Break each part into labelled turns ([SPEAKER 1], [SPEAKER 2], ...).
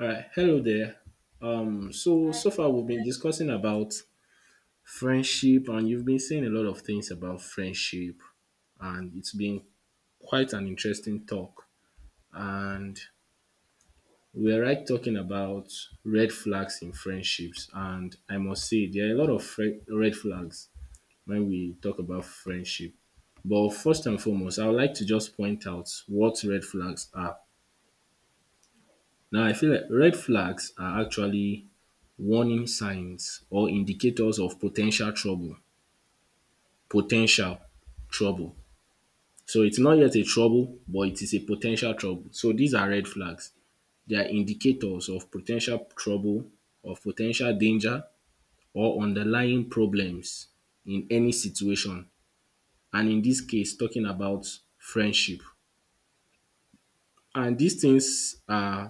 [SPEAKER 1] All right, hello there. Um, so
[SPEAKER 2] I
[SPEAKER 1] so far we've been discussing about friendship, and you've been saying a lot of things about friendship, and it's been quite an interesting talk. And we're right talking about red flags in friendships, and I must say there are a lot of red flags when we talk about friendship. But first and foremost, I would like to just point out what red flags are. Now I feel like red flags are actually warning signs or indicators of potential trouble potential trouble. So it's not yet a trouble, but it is a potential trouble. So these are red flags. They are indicators of potential trouble, of potential danger or underlying problems in any situation, and in this case talking about friendship. And dis things are,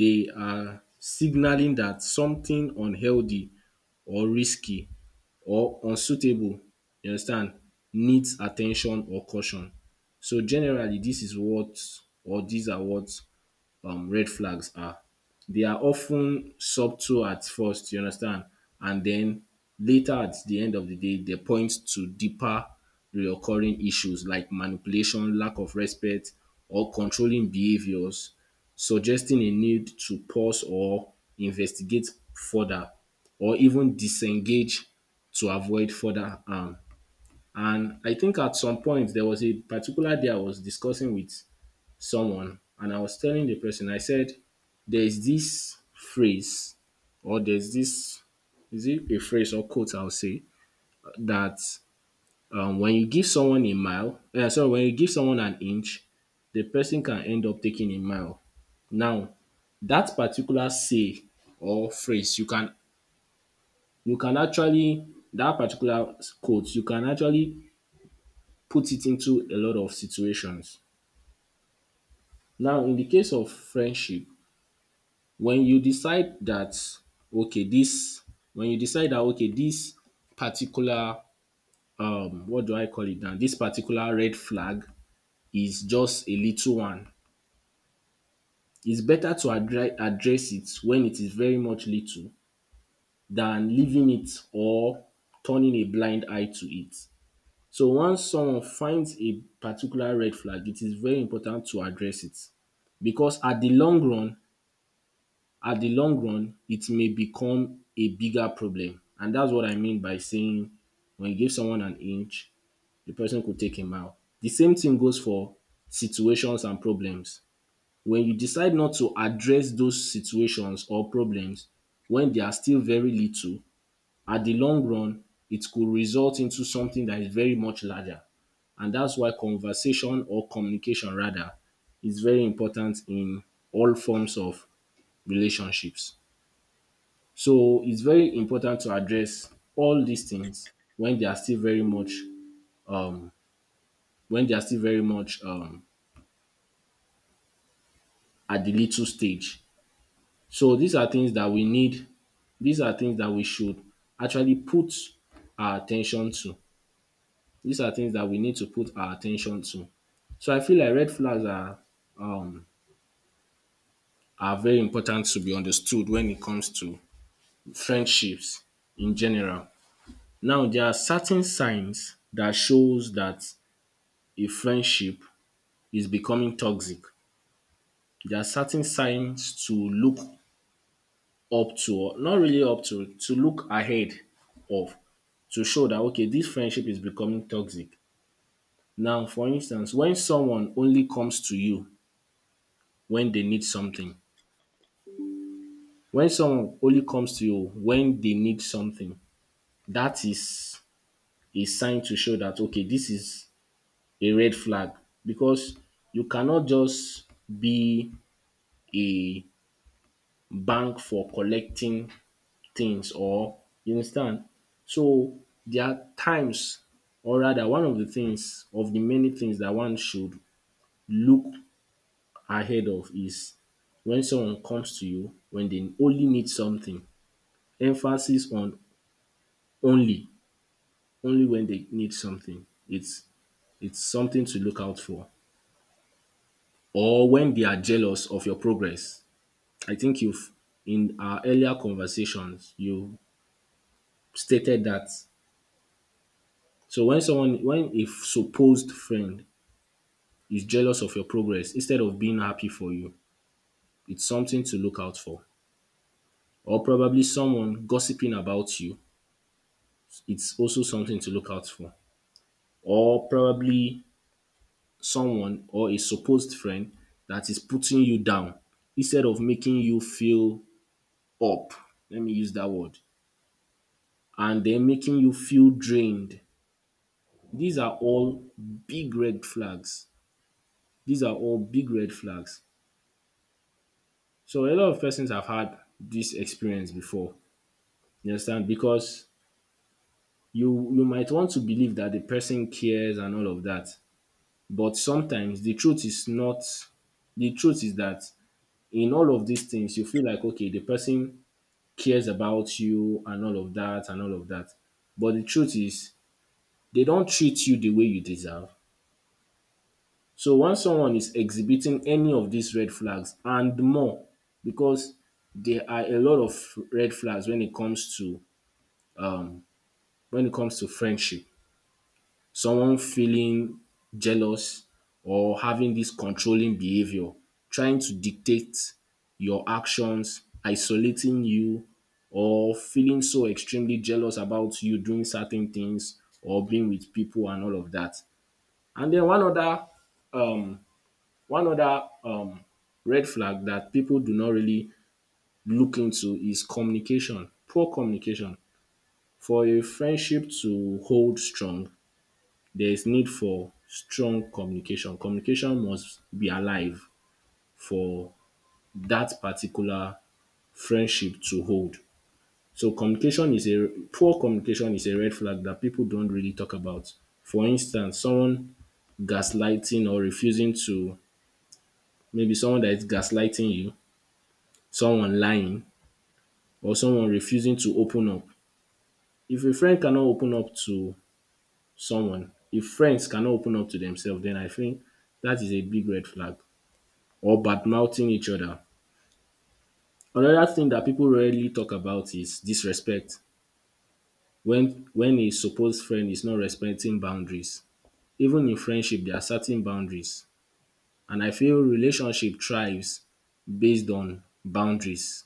[SPEAKER 1] dey are signaling dat something unhealthy or risky or unsuitable, you understand, needs at ten tion or caution. So generally dis is what or dis are what red flags are. They are often subtle at first, you understand, and then later at the end of the day, they point to deeper reoccurring issues like manipulation, lack of respect, or controlling behaviors, suggesting a need to pause or investigate further, or even disengage to avoid further harm. And I think at some point there was a particular day I was discussing with someone, and I was telling the person, I said, there's this phrase or there's this, is it a phrase or quote I'll say, that when you give someone a mile, sorry, when you give someone an inch, the person can end up taking a mile. Now, that particular say or phrase, you can actually, that particular quote, you can actually put it into a lot of situations. Now, in the case of friendship, when you decide that okay this okay this particular what do I call it, now this particular red flag is just a little one. It's better to address it when it is very much little than leaving it or turning a blind eye to it. So once someone finds a particular red flag, it is very important to address it, because at the long run, it may become a bigger problem. And that's what I mean by saying when you give someone an inch, the person could take a mile. The same thing goes for situations and problems. When you decide not to address those situations or problems when they are still very little, at the long run, it could result into something that is very much larger. And that's why conversation, or communication rather, is very important in all forms of relationships. So it's very important to address all these things when they are still very much um, when they are still very much at the little stage. So these are things that we need. These are things that we should actually put our attention to. These are things that we need to put our attention to. So I feel like red flags um, are very important to be understood when it comes to friendships in general. Now there are certain signs that shows that a friendship is becoming toxic. There are certain signs to look up to, or not really up to look ahead of, to show that okay, this friendship is becoming toxic. Now for instance, when someone only comes to you when they need something, when someone only comes to you when they need something, that is a sign to show that okay, this is a red flag, because you cannot just be a bank for collecting things, or you understand. So there are times, or rather one of the things of the many things that one should look ahead of is when someone comes to you when they only need something. Emphasis on only, only when they need something. It's something to look out for. Or when they are jealous of your progress. I think you've, in our earlier conversations, you stated that. So when someone, when a supposed friend is jealous of your progress instead of being happy for you, it's something to look out for. Or probably someone gossiping about you. It's also something to look out for. Or probably someone, or a supposed friend, that is putting you down instead of making you feel up. Let me use that word. And they're making you feel drained. These are all big red flags. These are all big red flags. So a lot of persons have had this experience before. You understand? Because you might want to believe that the person cares and all of that, but sometimes the truth is not, the truth is that in all of these things you feel like okay, the person cares about you and all of that and all of that, but the truth is they don't treat you the way you deserve. So once someone is exhibiting any of these red flags and more, because there are a lot of red flags when it comes to um, when it comes to friendship, someone feeling jealous or having this controlling behavior, trying to dictate your actions, isolating you, or feeling so extremely jealous about you doing certain things or being with people and all of that. And then um one other red flag that people do not really look into is communication, poor communication. For a friendship to hold strong, there is need for strong communication. Communication must be alive for that particular friendship to hold. So communication is a poor communication is a red flag that people don't really talk about. For instance, someone gaslighting or refusing to maybe someone that is gaslighting you, someone lying, or someone refusing to open up. If a friend cannot open up to someone, if friends cannot open up to themselves, then I think that is a big red flag. Or badmouthing each other. Another thing that people rarely talk about is disrespect. When a supposed friend is not respecting boundaries, even in friendship there are certain boundaries, and I feel relationship thrives based on boundaries.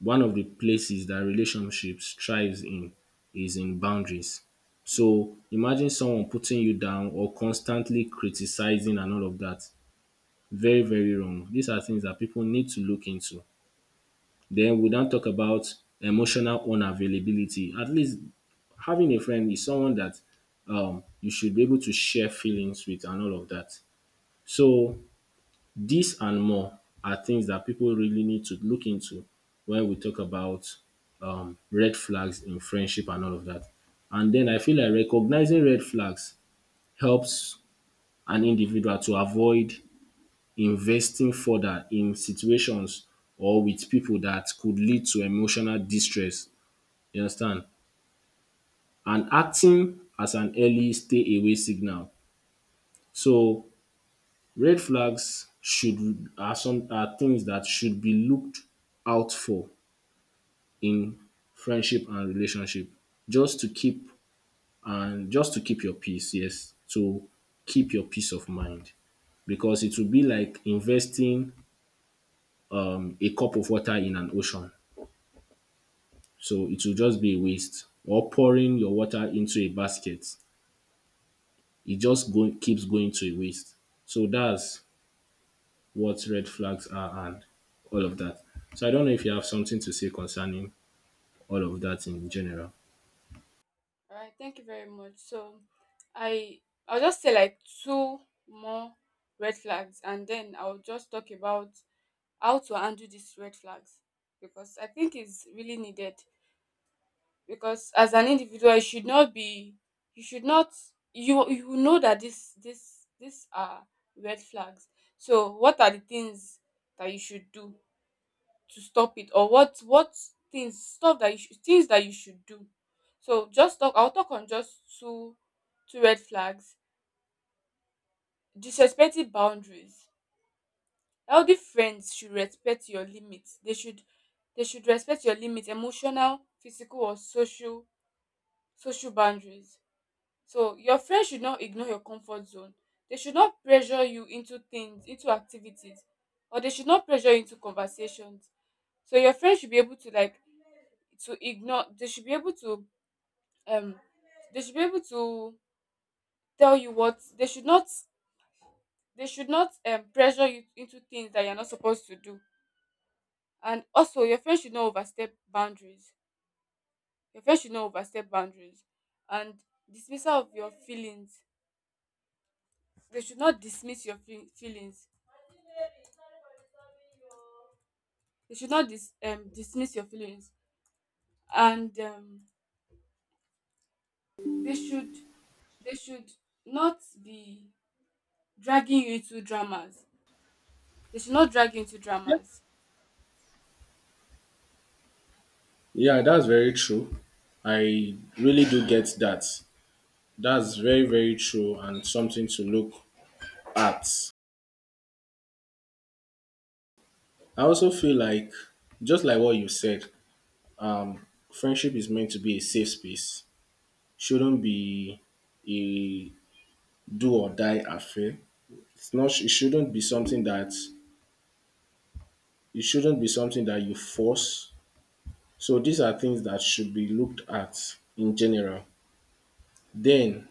[SPEAKER 1] One of the places that relationships thrives in is in boundaries. So imagine someone putting you down or constantly criticizing and all of that. Very, very wrong. These are things that people need to look into. Then we don't talk about emotional unavailability. At least having a friend is someone that you should be able to share feelings with and all of that. So this and more are things that people really need to look into when we talk about red flags in friendship and all of that. And then I feel like recognizing red flags helps an individual to avoid investing further in situations or with people that could lead to emotional distress, you understand? And acting as an early stay away signal. So red flags should are some are things that should be looked out for in friendship and relationship. Just to keep, and just to keep your peace, yes. To keep your peace of mind. Because it will be like investing a cup of water in an ocean. So it will just be a waste. Or pouring your water into a basket. It just go, keeps going to waste. So that's what red flags are and all of that. So I don't know if you have something to say concerning all of that in general.
[SPEAKER 2] Alright, thank you very much. So I I'll just say like two more red flags, and then I'll just talk about how to handle these red flags, because I think it's really needed. Because as an individual, you should not be you should not you know that this these are red flags. So what are the things that you should do to stop it? Or what things that you should do. So just talk I'll talk on just two red flags. Disrespecting boundaries: healthy friends should respect your limits, they should respect your limits, emotional, physical, or social boundaries. So your friends should not ignore your comfort zone, they should not pressure you into things, into activities, or they should not pressure you into conversations. So your friends should be able to, like, to ignore they should be able to, um they should be able to tell you what they should not. They should not, pressure you into things that you're not supposed to do. And also, your friend should not overstep boundaries. Your friend should not overstep boundaries. And dismissal of your feelings: they should not dismiss your feelings, they should not dismiss your feelings. And, they should, they should not be dragging you into dramas. They should not drag you into dramas.
[SPEAKER 1] Yeah, that's very true. I really do get that. That's very, very true and something to look at. I also feel like, just like what you said, um, friendship is meant to be a safe space. Shouldn't be a do or die affair. It's not. It shouldn't be something that you force. So these are things that should be looked at in general. Then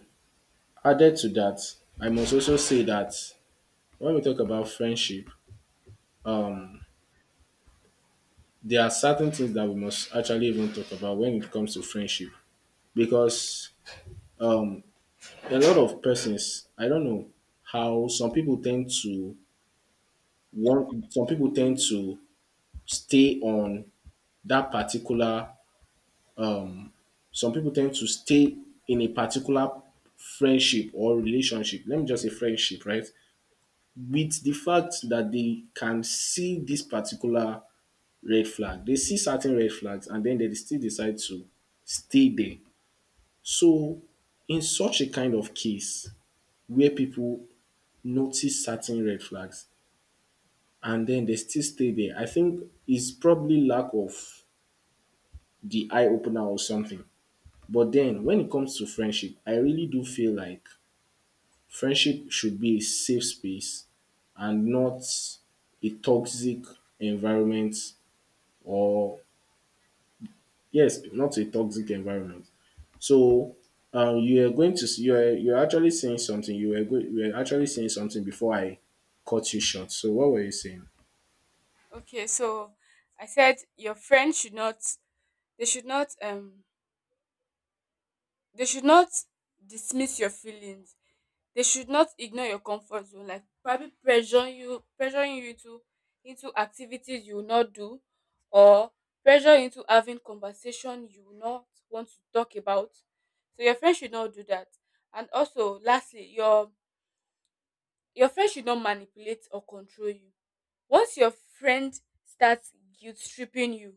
[SPEAKER 1] added to that, I must also say that when we talk about friendship, um, there are certain things that we must actually even talk about when it comes to friendship, because um, a lot of persons, I don't know how some people tend to want, stay on that particular some people tend to stay in a particular friendship or relationship, let me just say friendship, right? With the fact that they can see this particular red flag. They see certain red flags and then they still decide to stay there. So, in such a kind of case where people notice certain red flags and then they still stay there, I think it's probably lack of the eye opener or something. But then when it comes to friendship, I really do feel like friendship should be a safe space and not a toxic environment, or yes, not a toxic environment. So you are going to, you are actually saying something. You were go you were actually saying something before I cut you short. So what were you saying?
[SPEAKER 2] Okay, so I said your friend should not, they should not um they should not dismiss your feelings. They should not ignore your comfort zone, like probably pressure you pressuring you into activities you will not do, or pressure you into having conversation you will not want to talk about. So your friend should not do that. And also, lastly, your friend should not manipulate or control you. Once your friend starts guilt tripping you,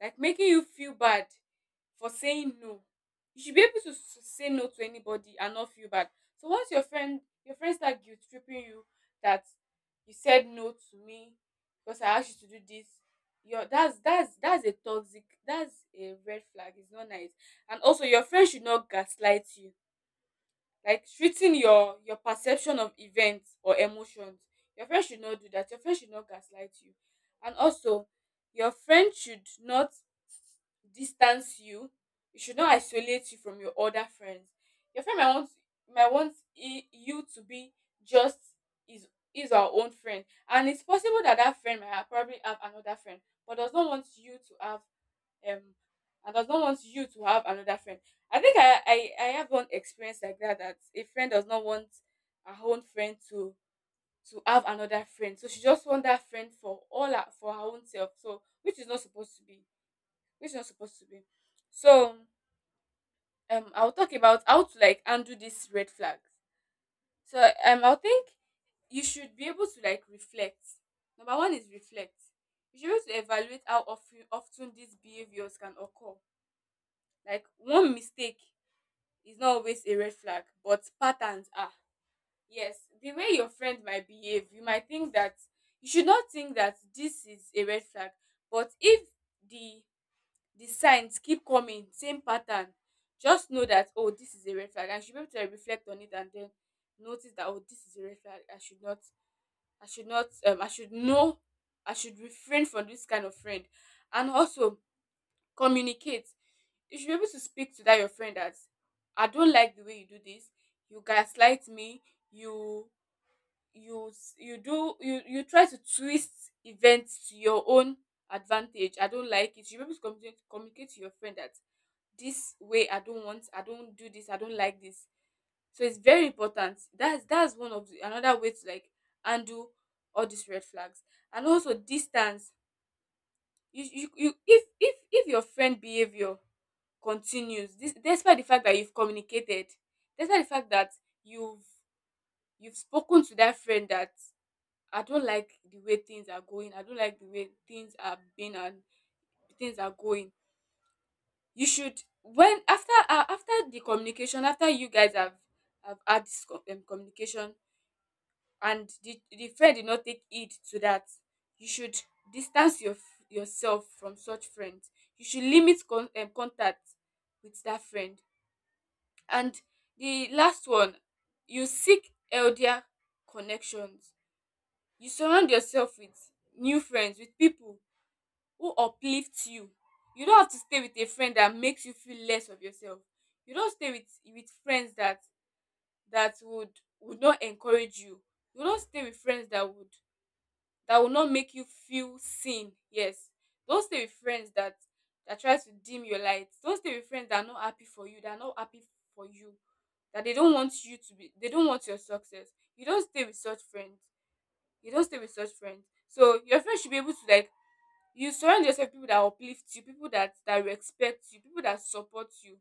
[SPEAKER 2] like making you feel bad for saying no, you should be able to say no to anybody and not feel bad. So once your friend start guilt tripping you, that you said no to me because I asked you to do this, your that's, that's a toxic, that's a red flag. It's not nice. And also, your friend should not gaslight you, like treating your perception of events or emotions. Your friend should not do that. Your friend should not gaslight you. And also, your friend should not distance you, you should not isolate you from your other friends. Your friend might want, you to be just is is our own friend, and it's possible that friend might have, probably have, another friend, but does not want you to have, um and does not want you to have another friend. I think I have one experience like that, that a friend does not want her own friend to have another friend. So she just want that friend for for her own self. So, which is not supposed to be. Which is not supposed to be. So, I'll talk about how to, like, undo these red flags. So, I think you should be able to, like, reflect. Number one is reflect. You should be able to evaluate how often these behaviors can occur. Like, one mistake is not always a red flag, but patterns are. Yes, the way your friend might behave, you might think that you should not think that this is a red flag. But if the the signs keep coming, same pattern, just know that, oh, this is a red flag. I should be able to reflect on it, and then notice that, oh, this is a red flag. I should not, I should not, I should know, I should refrain from this kind of friend. And also, communicate. You should be able to speak to that your friend that I don't like the way you do this. You gaslight me. You you s- you do you you try to twist events to your own advantage. I don't like it. You should be able to communicate, to your friend that this way I don't want. I don't do this. I don't like this. So it's very important. That's one of the, another way to, like, undo all these red flags. And also, distance. You, if your friend behavior continues this, despite the fact that you've communicated, despite the fact that you've you've spoken to that friend that I don't like the way things are going, I don't like the way things are being and things are going. You should, when, after the communication, after you guys have had this communication, and the friend did not take heed to that, you should distance yourself from such friends. You should limit contact with that friend. And the last one, you seek healthier connections. You surround yourself with new friends, with people who uplift you. You don't have to stay with a friend that makes you feel less of yourself. You don't stay with friends that that would would not encourage you. You don't stay with friends that would that will not make you feel seen. Yes. Don't stay with friends that tries to dim your light. Don't stay with friends that are not happy for you, for you that they don't want you to be, they don't want your success. You don't stay with such friends. You don't stay with such friends. So your friends should be able to, like you surround yourself with people that uplift you, people that respect you, people that support you.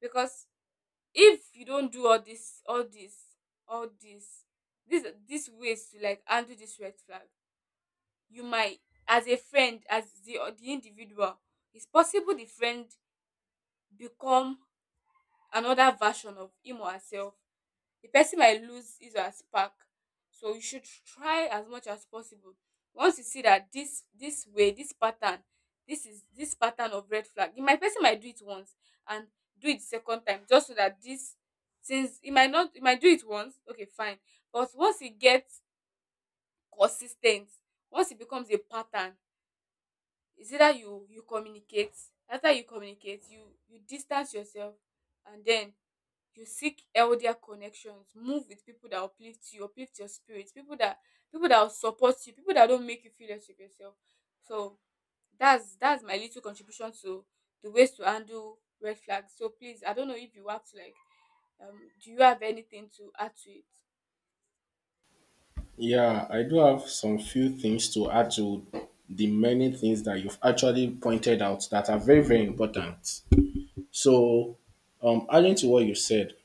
[SPEAKER 2] Because if you don't do all this all this all this these ways to, like, handle this red flag, you might, as a friend, as the or the individual it's possible the friend become another version of him or herself, the person might lose his or her spark. So you should try as much as possible, once you see that this pattern this pattern of red flag you might, person might do it once, and do it second time. Just so that this, since he might not, he might do it once, okay, fine. But once e get consistent, once it becomes a pattern, is either you communicate. After you communicate, you distance yourself. And then you seek elder connections, move with people that uplift you, uplift your spirit, people that will support you, people that don't make you feel less of yourself. So that's my little contribution to the ways to handle red flags. So please, I don't know if you want to, like, do you have anything to add to it?
[SPEAKER 1] Yeah, I do have some few things to add to the many things that you've actually pointed out that are very, very important. So, adding to what you said,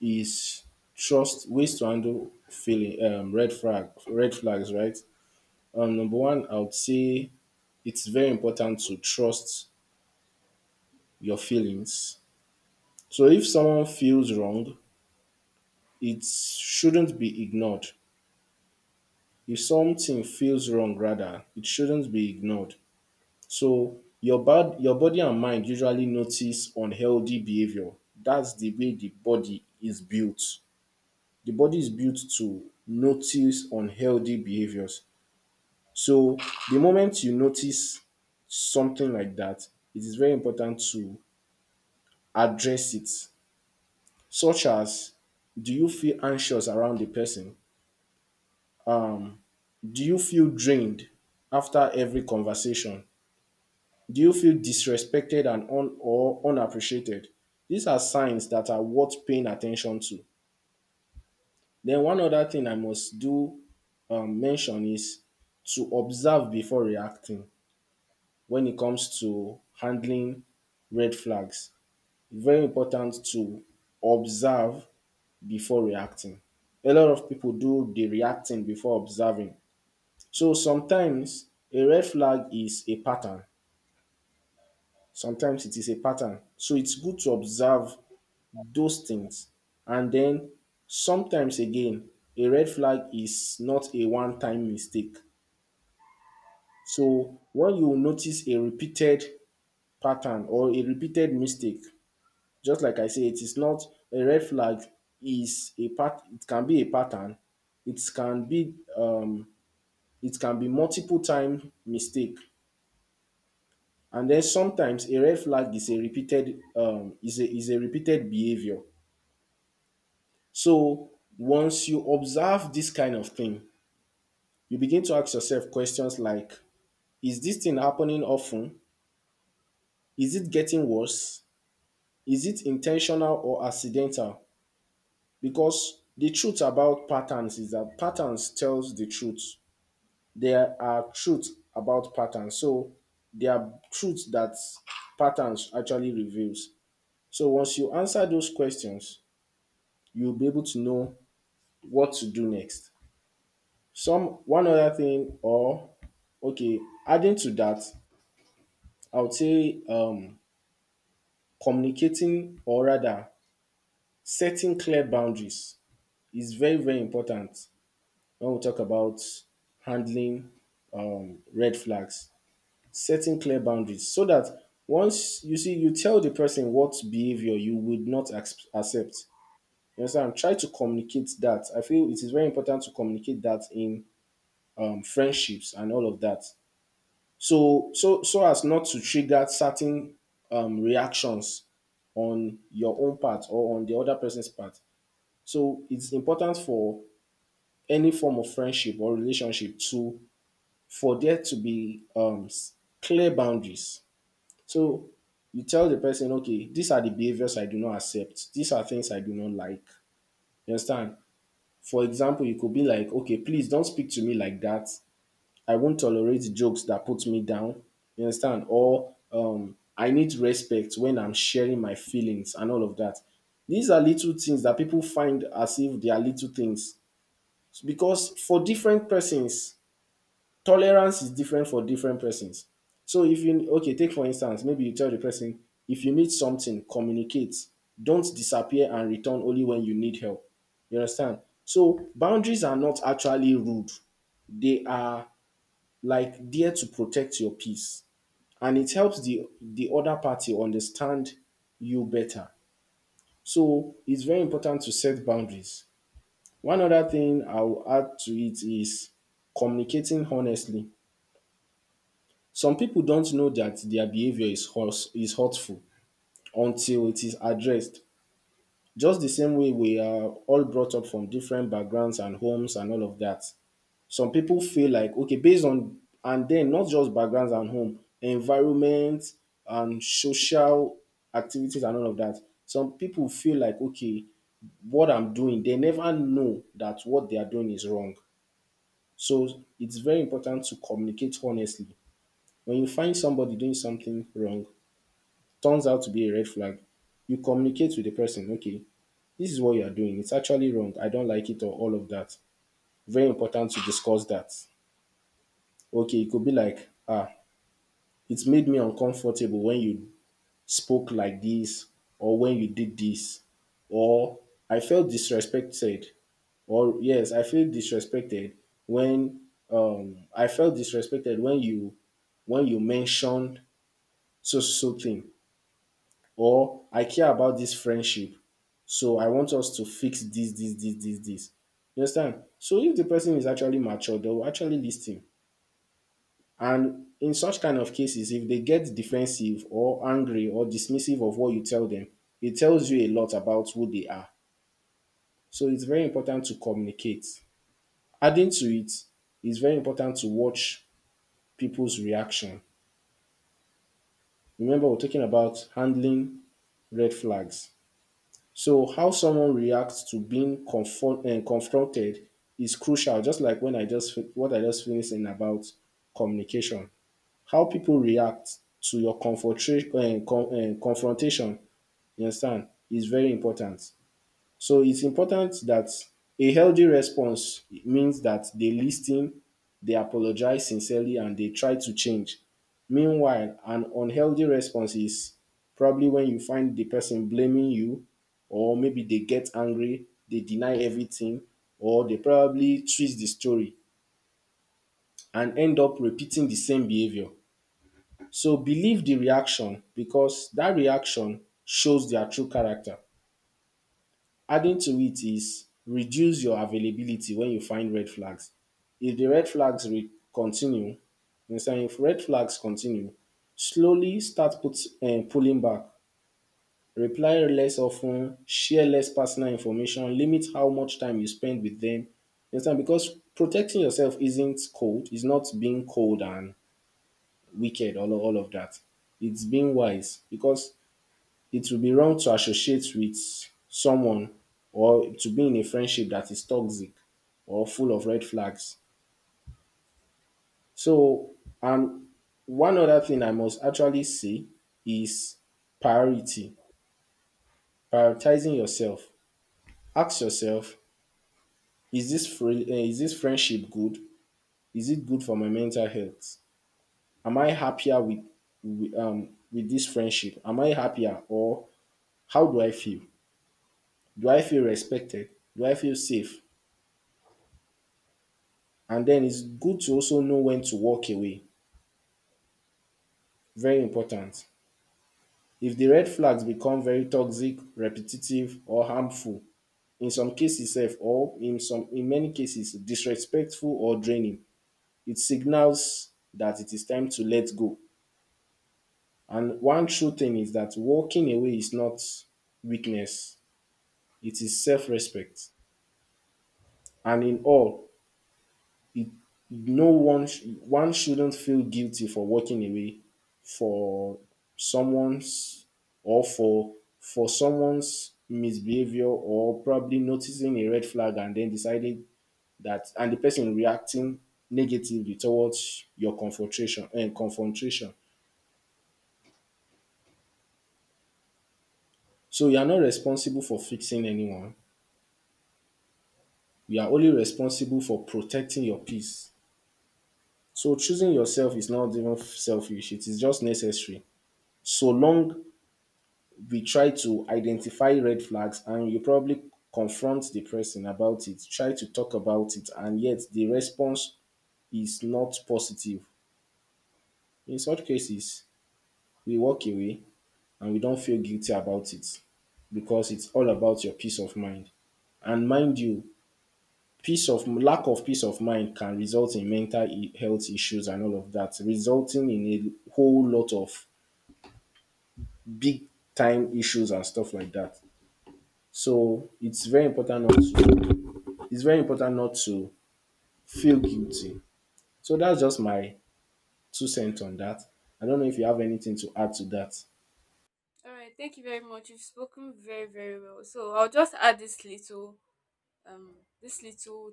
[SPEAKER 1] is trust ways to handle feeling red flags, right? Number one, I would say it's very important to trust your feelings. So if someone feels wrong, it shouldn't be ignored. If something feels wrong rather, it shouldn't be ignored. So your body and mind usually notice unhealthy behavior. That's the way the body is built. The body is built to notice unhealthy behaviors. So the moment you notice something like that, it is very important to address it, such as, do you feel anxious around the person? Um, do you feel drained after every conversation? Do you feel disrespected and or unappreciated? These are signs that are worth paying attention to. Then one other thing I must do mention is to observe before reacting when it comes to handling red flags. Very important to observe before reacting. A lot of people do the reacting before observing. So sometimes a red flag is a pattern. Sometimes it is a pattern. So it's good to observe those things. And then sometimes again, a red flag is not a one time mistake. So when you notice a repeated pattern or a repeated mistake, just like I say, it is not a red flag, is a part, it can be a pattern. It can be um it can be multiple time mistake. And then sometimes a red flag is a repeated behavior. So once you observe this kind of thing, you begin to ask yourself questions like, is this thing happening often? Is it getting worse? Is it intentional or accidental? Because the truth about patterns is that patterns tells the truth. There are truth about patterns. So there are truths that patterns actually reveals. So once you answer those questions, you'll be able to know what to do next. Some one other thing or Okay, adding to that, I would say communicating or rather setting clear boundaries is very, very important. When we talk about handling red flags, setting clear boundaries so that once you see, you tell the person what behavior you would not ac- accept. You understand? Try to communicate that. I feel it is very important to communicate that in friendships and all of that. So, as not to trigger certain reactions on your own part or on the other person's part. So it's important for any form of friendship or relationship to, for there to be clear boundaries. So you tell the person, okay, these are the behaviors I do not accept. These are things I do not like. You understand? For example, you could be like, okay, please don't speak to me like that. I won't tolerate jokes that put me down. You understand? Or I need respect when I'm sharing my feelings and all of that. These are little things that people find as if they are little things, because for different persons tolerance is different for different persons. So if you, okay, take for instance, maybe you tell the person, if you need something, communicate. Don't disappear and return only when you need help. You understand? So boundaries are not actually rude. They are like there to protect your peace. And it helps the other party understand you better. So it's very important to set boundaries. One other thing I'll add to it is communicating honestly. Some people don't know that their behavior is hurtful until it is addressed. Just the same way we are all brought up from different backgrounds and homes and all of that. Some people feel like, okay, based on, and then not just backgrounds and home, environment and social activities and all of that. Some people feel like, okay, what I'm doing, they never know that what they are doing is wrong. So it's very important to communicate honestly. When you find somebody doing something wrong, turns out to be a red flag, you communicate with the person, okay, this is what you are doing. It's actually wrong. I don't like it or all of that. Very important to discuss that. Okay, it could be like, ah, it's made me uncomfortable when you spoke like this or when you did this, or I felt disrespected, or yes, I feel disrespected when, I felt disrespected when you mentioned so so thing, or I care about this friendship, so I want us to fix this, this. You understand? So if the person is actually mature, they will actually listen. And in such kind of cases, if they get defensive or angry or dismissive of what you tell them, it tells you a lot about who they are. So it's very important to communicate. Adding to it, it's very important to watch people's reaction. Remember, we're talking about handling red flags. So how someone reacts to being confronted is crucial. Just like when I just finished in about communication, how people react to your confrontation, you understand, is very important. So it's important that a healthy response means that they listen, they apologize sincerely, and they try to change. Meanwhile, an unhealthy response is probably when you find the person blaming you, or maybe they get angry, they deny everything, or they probably twist the story and end up repeating the same behavior. So believe the reaction, because that reaction shows their true character. Adding to it is reduce your availability when you find red flags. If the continue, you understand, if red flags continue, slowly start pulling back. Reply less often, share less personal information, limit how much time you spend with them. You understand? Because protecting yourself isn't cold, it's not being cold and wicked, all of that. It's being wise, because it would be wrong to associate with someone or to be in a friendship that is toxic or full of red flags. So, and one other thing I must actually say is priority, prioritizing yourself. Ask yourself, is this is this friendship good? Is it good for my mental health? Am I happier with this friendship? Am I happier, or how do I feel? Do I feel respected? Do I feel safe? And then it's good to also know when to walk away. Very important. If the red flags become very toxic, repetitive, or harmful, in some cases sef, or in some, in many cases disrespectful or draining, it signals that it is time to let go. And one true thing is that walking away is not weakness, it is self-respect. And in all, it one shouldn't feel guilty for walking away for someone's, or for someone's misbehavior, or probably noticing a red flag and then deciding that, and the person reacting negatively towards your confrontation. So you are not responsible for fixing anyone, you are only responsible for protecting your peace. So choosing yourself is not even selfish, it is just necessary. So long we try to identify red flags and you probably confront the person about it, try to talk about it, and yet the response is not positive. In such cases, we walk away and we don't feel guilty about it, because it's all about your peace of mind. And mind you, peace of lack of peace of mind can result in health issues and all of that, resulting in a whole lot of big time issues and stuff like that. So it's very important not to, it's very important not to feel guilty. So that's just my two cents on that. I don't know if you have anything to add to that.
[SPEAKER 2] All right thank you very much. You've spoken very, very well. So I'll just add this little, um this little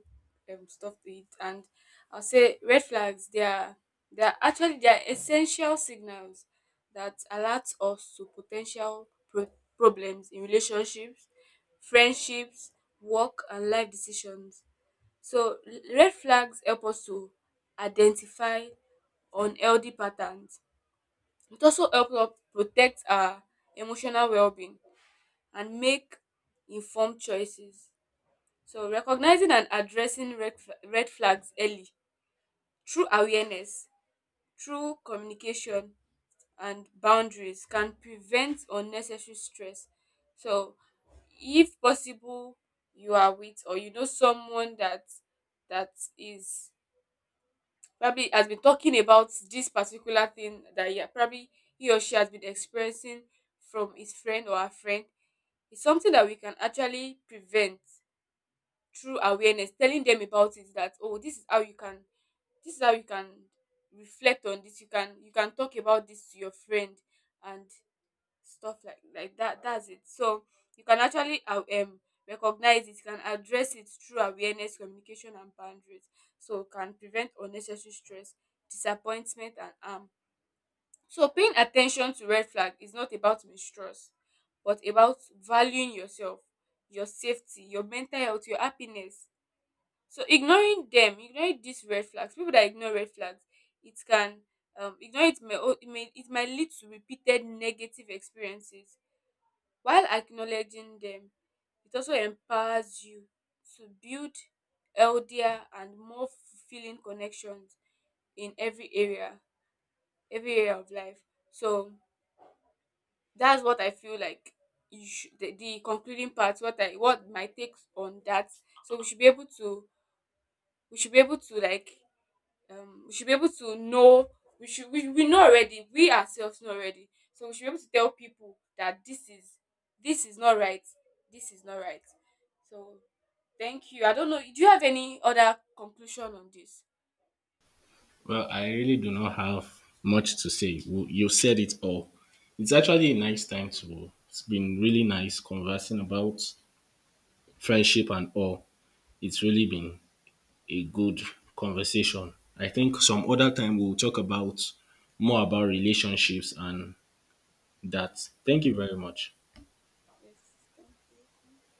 [SPEAKER 2] stuff to it. And I'll say red flags, they are actually, they are essential signals that alert us to potential problems in relationships, friendships, work, and life decisions. So red flags help us to identify unhealthy patterns. It also helps us protect our emotional well-being and make informed choices. So, recognizing and addressing red flags early, through awareness, through communication, and boundaries, can prevent unnecessary stress. So, if possible, you are with or you know someone that that is, probably has been talking about this particular thing, that, yeah, probably he or she has been experiencing from his friend or her friend. It's something that we can actually prevent through awareness, telling them about it, that, oh, this is how you can reflect on this. You can, talk about this to your friend. And stuff like that. That's it. So you can actually, recognize it, you can address it through awareness, communication, and boundaries, so can prevent unnecessary stress, disappointment, and harm. So paying attention to red flag is not about mistrust, but about valuing yourself, your safety, your mental health, your happiness. So ignoring them, ignoring these red flags, people that ignore red flags, it can, ignore it may, o- it may it might lead to repeated negative experiences. While acknowledging them, it also empowers you to build healthier and more fulfilling connections in every area, of life. So that's what I feel like. You should, the concluding part, what my takes on that. So we should be able to, like, we should be able to know. We know already, we ourselves know already. So we should be able to tell people that this is, this is not right this is not right. So, thank you. I don't know, do you have any other conclusion on this?
[SPEAKER 1] Well, I really do not have much to say. You said it all. It's actually a nice time to. It's been really nice conversing about friendship and all. It's really been a good conversation. I think some other time we'll talk about more about relationships and
[SPEAKER 2] No.
[SPEAKER 1] that. Thank you very much.
[SPEAKER 2] Yes. Thank you.